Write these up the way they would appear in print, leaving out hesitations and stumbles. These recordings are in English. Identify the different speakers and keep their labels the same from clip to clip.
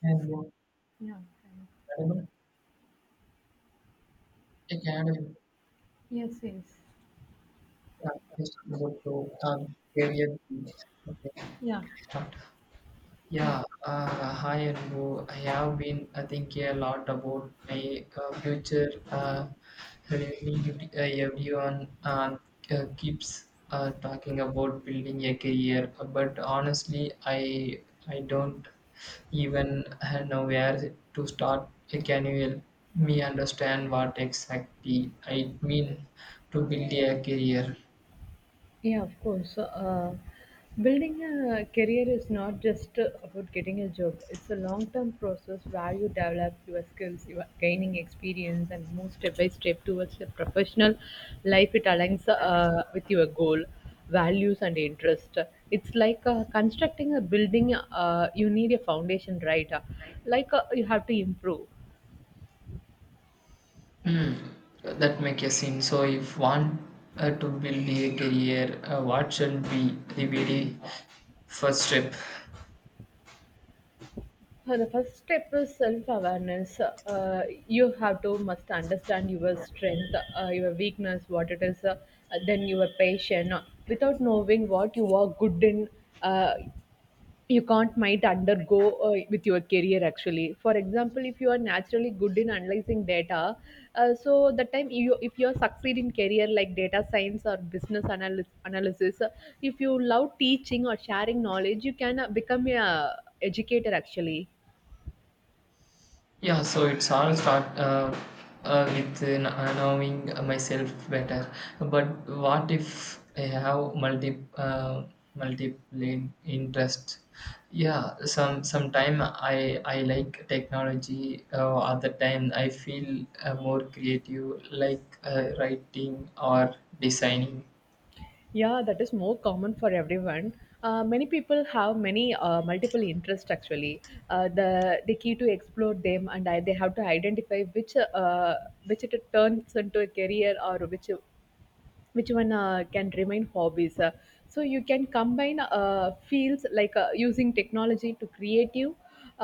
Speaker 1: And what
Speaker 2: Yeah.
Speaker 1: animal? A Academy,
Speaker 2: Yeah. Yes, yes.
Speaker 1: yeah, please about to career. Okay.
Speaker 2: Yeah. Yeah.
Speaker 1: Yeah, hi Anbu. I have been thinking a lot about my future. Really, everyone keeps talking about building a career, but honestly, I don't even know where to start. Can you help me understand what exactly I mean to build a career?
Speaker 2: Yeah, of course. So, building a career is not just about getting a job. It's a long-term process where you develop your skills, you are gaining experience, and move step by step towards your professional life. It aligns with your goal, values, and interest. It's like constructing a building. You need a foundation, right? You have to improve.
Speaker 1: Hmm. That makes a sense. So if one to build a career, what should be the very first step?
Speaker 2: The first step is self-awareness. You have to must understand your strength, your weakness, what it is, then your passion. Without knowing what you are good in, uh, you can't might undergo with your career actually. For example, if you are naturally good in analyzing data, so the time you if you are succeed in career like data science or business analysis, if you love teaching or sharing knowledge, you can become a educator actually.
Speaker 1: Yeah, so it's all start with knowing myself better. But what if I have multiple interests? Yeah, sometime I like technology. Other time I feel more creative, like writing or designing.
Speaker 2: Yeah, that is more common for everyone. Many people have many multiple interests actually. The key to explore them and I, they have to identify which it turns into a career or which one can remain hobbies. So you can combine fields like using technology to creative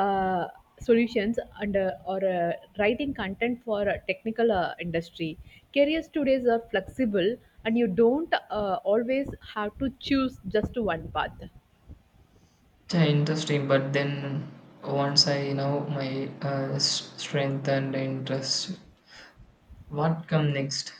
Speaker 2: uh, solutions and or writing content for a technical industry. Careers today are flexible and you don't always have to choose just one path.
Speaker 1: Yeah, interesting. But then once I know my strength and interest, what come next?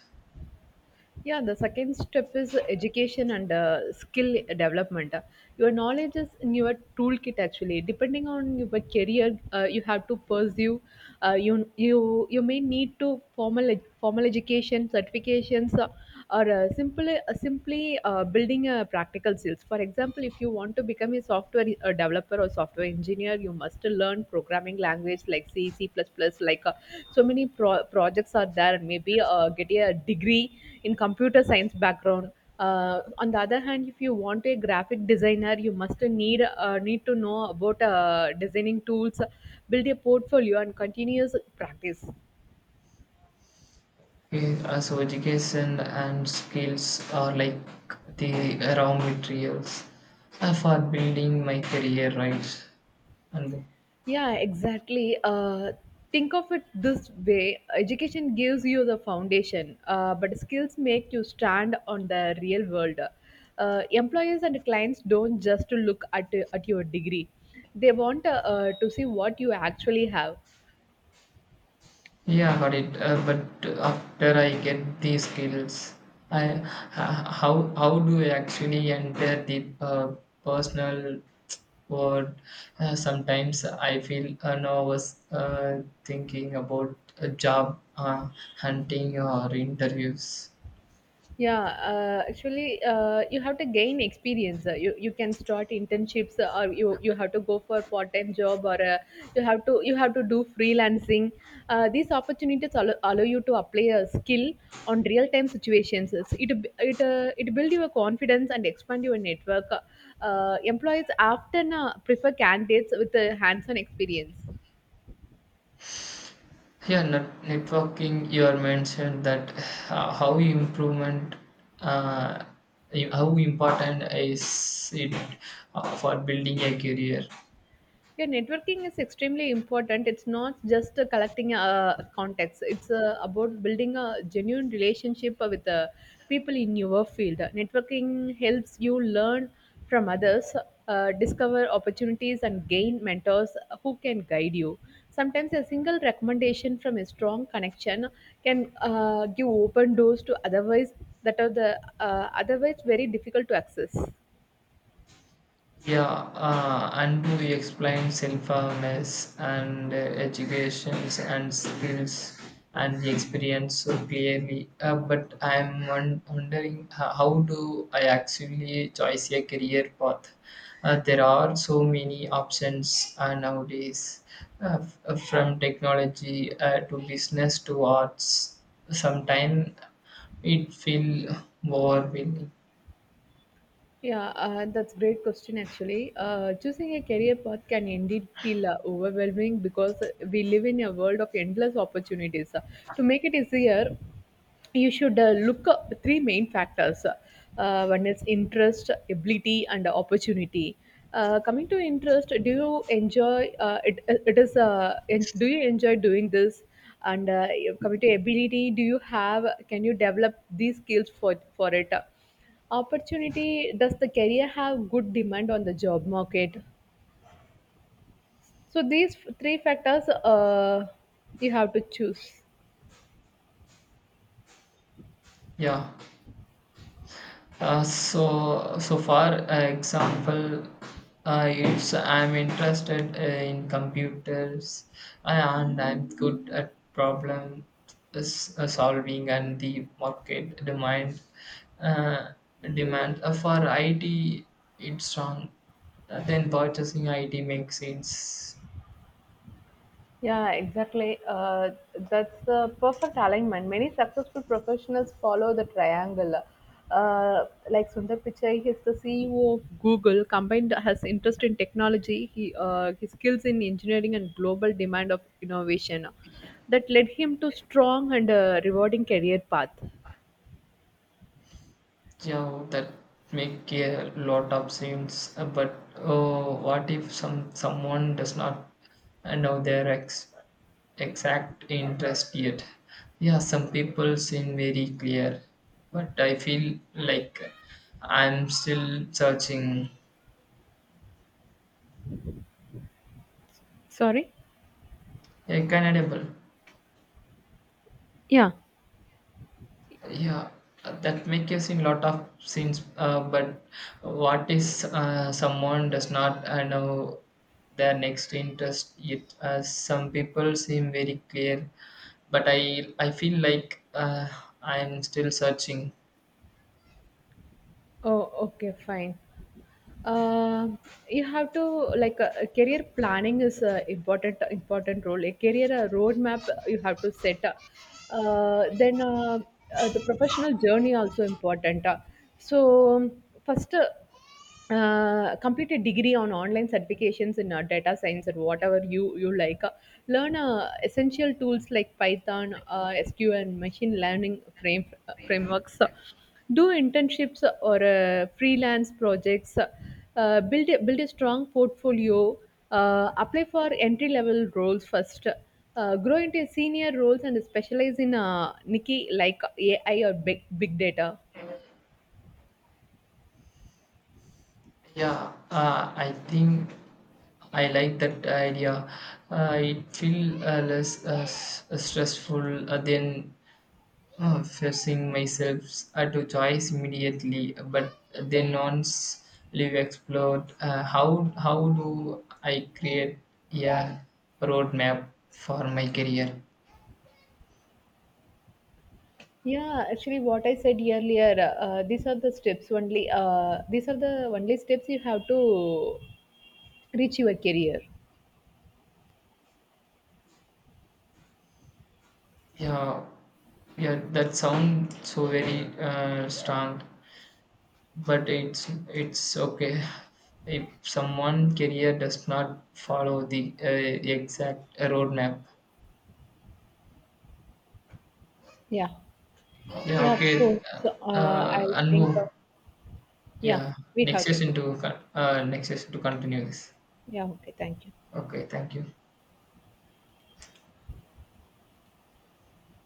Speaker 2: Yeah, the second step is education and skill development. Your knowledge is in your toolkit actually. Depending on your career, you have to pursue. You may need to formal education certifications. Or simply, building practical skills. For example, if you want to become a software developer or software engineer, you must learn programming language like c++, like uh, so many projects are there, and maybe get a degree in computer science background. On the other hand, if you want a graphic designer, you must need to know about designing tools, build a portfolio, and continuous practice.
Speaker 1: So education and skills are like the raw materials for building my career, right? And
Speaker 2: Yeah, exactly. Think of it this way: education gives you the foundation, but skills make you stand on the real world. Employers and clients don't just look at your degree, they want to see what you actually have.
Speaker 1: yeah, got it. But after I get these skills, I h- how do I actually enter the personal. But sometimes I feel nervous thinking about a job hunting or interviews.
Speaker 2: Yeah, actually, you have to gain experience. You can start internships, or you have to go for part time job, or you have to do freelancing. These opportunities allow you to apply a skill on real time situations. It build your confidence and expand your network. Employees often prefer candidates with a hands on experience.
Speaker 1: Yeah, networking. You are mentioned that uh, how improvement, uh, how important is it for building a career.
Speaker 2: Yeah, networking is extremely important. It's not just collecting contacts. It's about building a genuine relationship with the people in your field. Networking helps you learn from others, discover opportunities, and gain mentors who can guide you. Sometimes a single recommendation from a strong connection can give open doors to otherwise, that are the otherwise very difficult to access.
Speaker 1: Yeah, and we explain sinfulness and educations and skills and the experience so clearly. But I'm wondering how do I actually choose a career path? There are so many options nowadays, from technology to business to arts. Sometimes it feel overwhelming.
Speaker 2: Yeah, that's great question actually. Choosing a career path can indeed feel overwhelming because we live in a world of endless opportunities. To make it easier, you should look up three main factors. One is interest, ability, and opportunity. Coming to interest, do you enjoy do you enjoy doing this? And Coming to ability, do you have, can you develop these skills for it? Opportunity, does the career have good demand on the job market? So these three factors, you have to choose.
Speaker 1: Yeah. So for example, it's I'm interested in computers and I'm good at problem solving and the market demand uh, for IT it's strong. Then purchasing IT makes sense.
Speaker 2: Yeah, exactly. That's the perfect alignment. Many successful professionals follow the triangle. Like Sundar Pichai, he's the CEO of Google. Combined has interest in technology, he his skills in engineering and global demand of innovation, that led him to strong and rewarding career path.
Speaker 1: Yeah, that make a lot of sense. But oh, what if someone does not know their ex exact interest yet? Yeah, some people seem very clear, but I feel like I'm still searching.
Speaker 2: Sorry.
Speaker 1: Yeah, Canadable.
Speaker 2: Yeah.
Speaker 1: Yeah, that make us in lot of scenes. But what is someone does not know their next interest yet? Some people seem very clear, but I feel like I'm still searching.
Speaker 2: Oh, okay, fine. uh, you have to, like, career planning is a important role, a career roadmap you have to set. uh, then uh, the professional journey also important. Uh, so um, first uh, uh, complete a degree on online certifications in data science or whatever you you like. Learn essential tools like Python, SQL, and machine learning frameworks. Do internships or freelance projects, build a strong portfolio, apply for entry level roles first, grow into senior roles and specialize in Nikki like AI or big data.
Speaker 1: Yeah, I think I like that idea. It feel less stressful than forcing myself to choice immediately. But then once live explored, how do I create a roadmap for my career?
Speaker 2: Yeah, actually, what I said earlier, these are the steps only. These are the only steps you have to reach your career.
Speaker 1: Yeah, yeah, that sounds so very strong, but it's okay if someone career does not follow the exact roadmap.
Speaker 2: Yeah,
Speaker 1: Yeah,
Speaker 2: yeah,
Speaker 1: okay,
Speaker 2: of course.
Speaker 1: Anbu.
Speaker 2: Yeah,
Speaker 1: Yeah,
Speaker 2: we
Speaker 1: next
Speaker 2: have to.
Speaker 1: session to next session to continue this.
Speaker 2: Yeah, okay, thank you.
Speaker 1: Okay, thank you.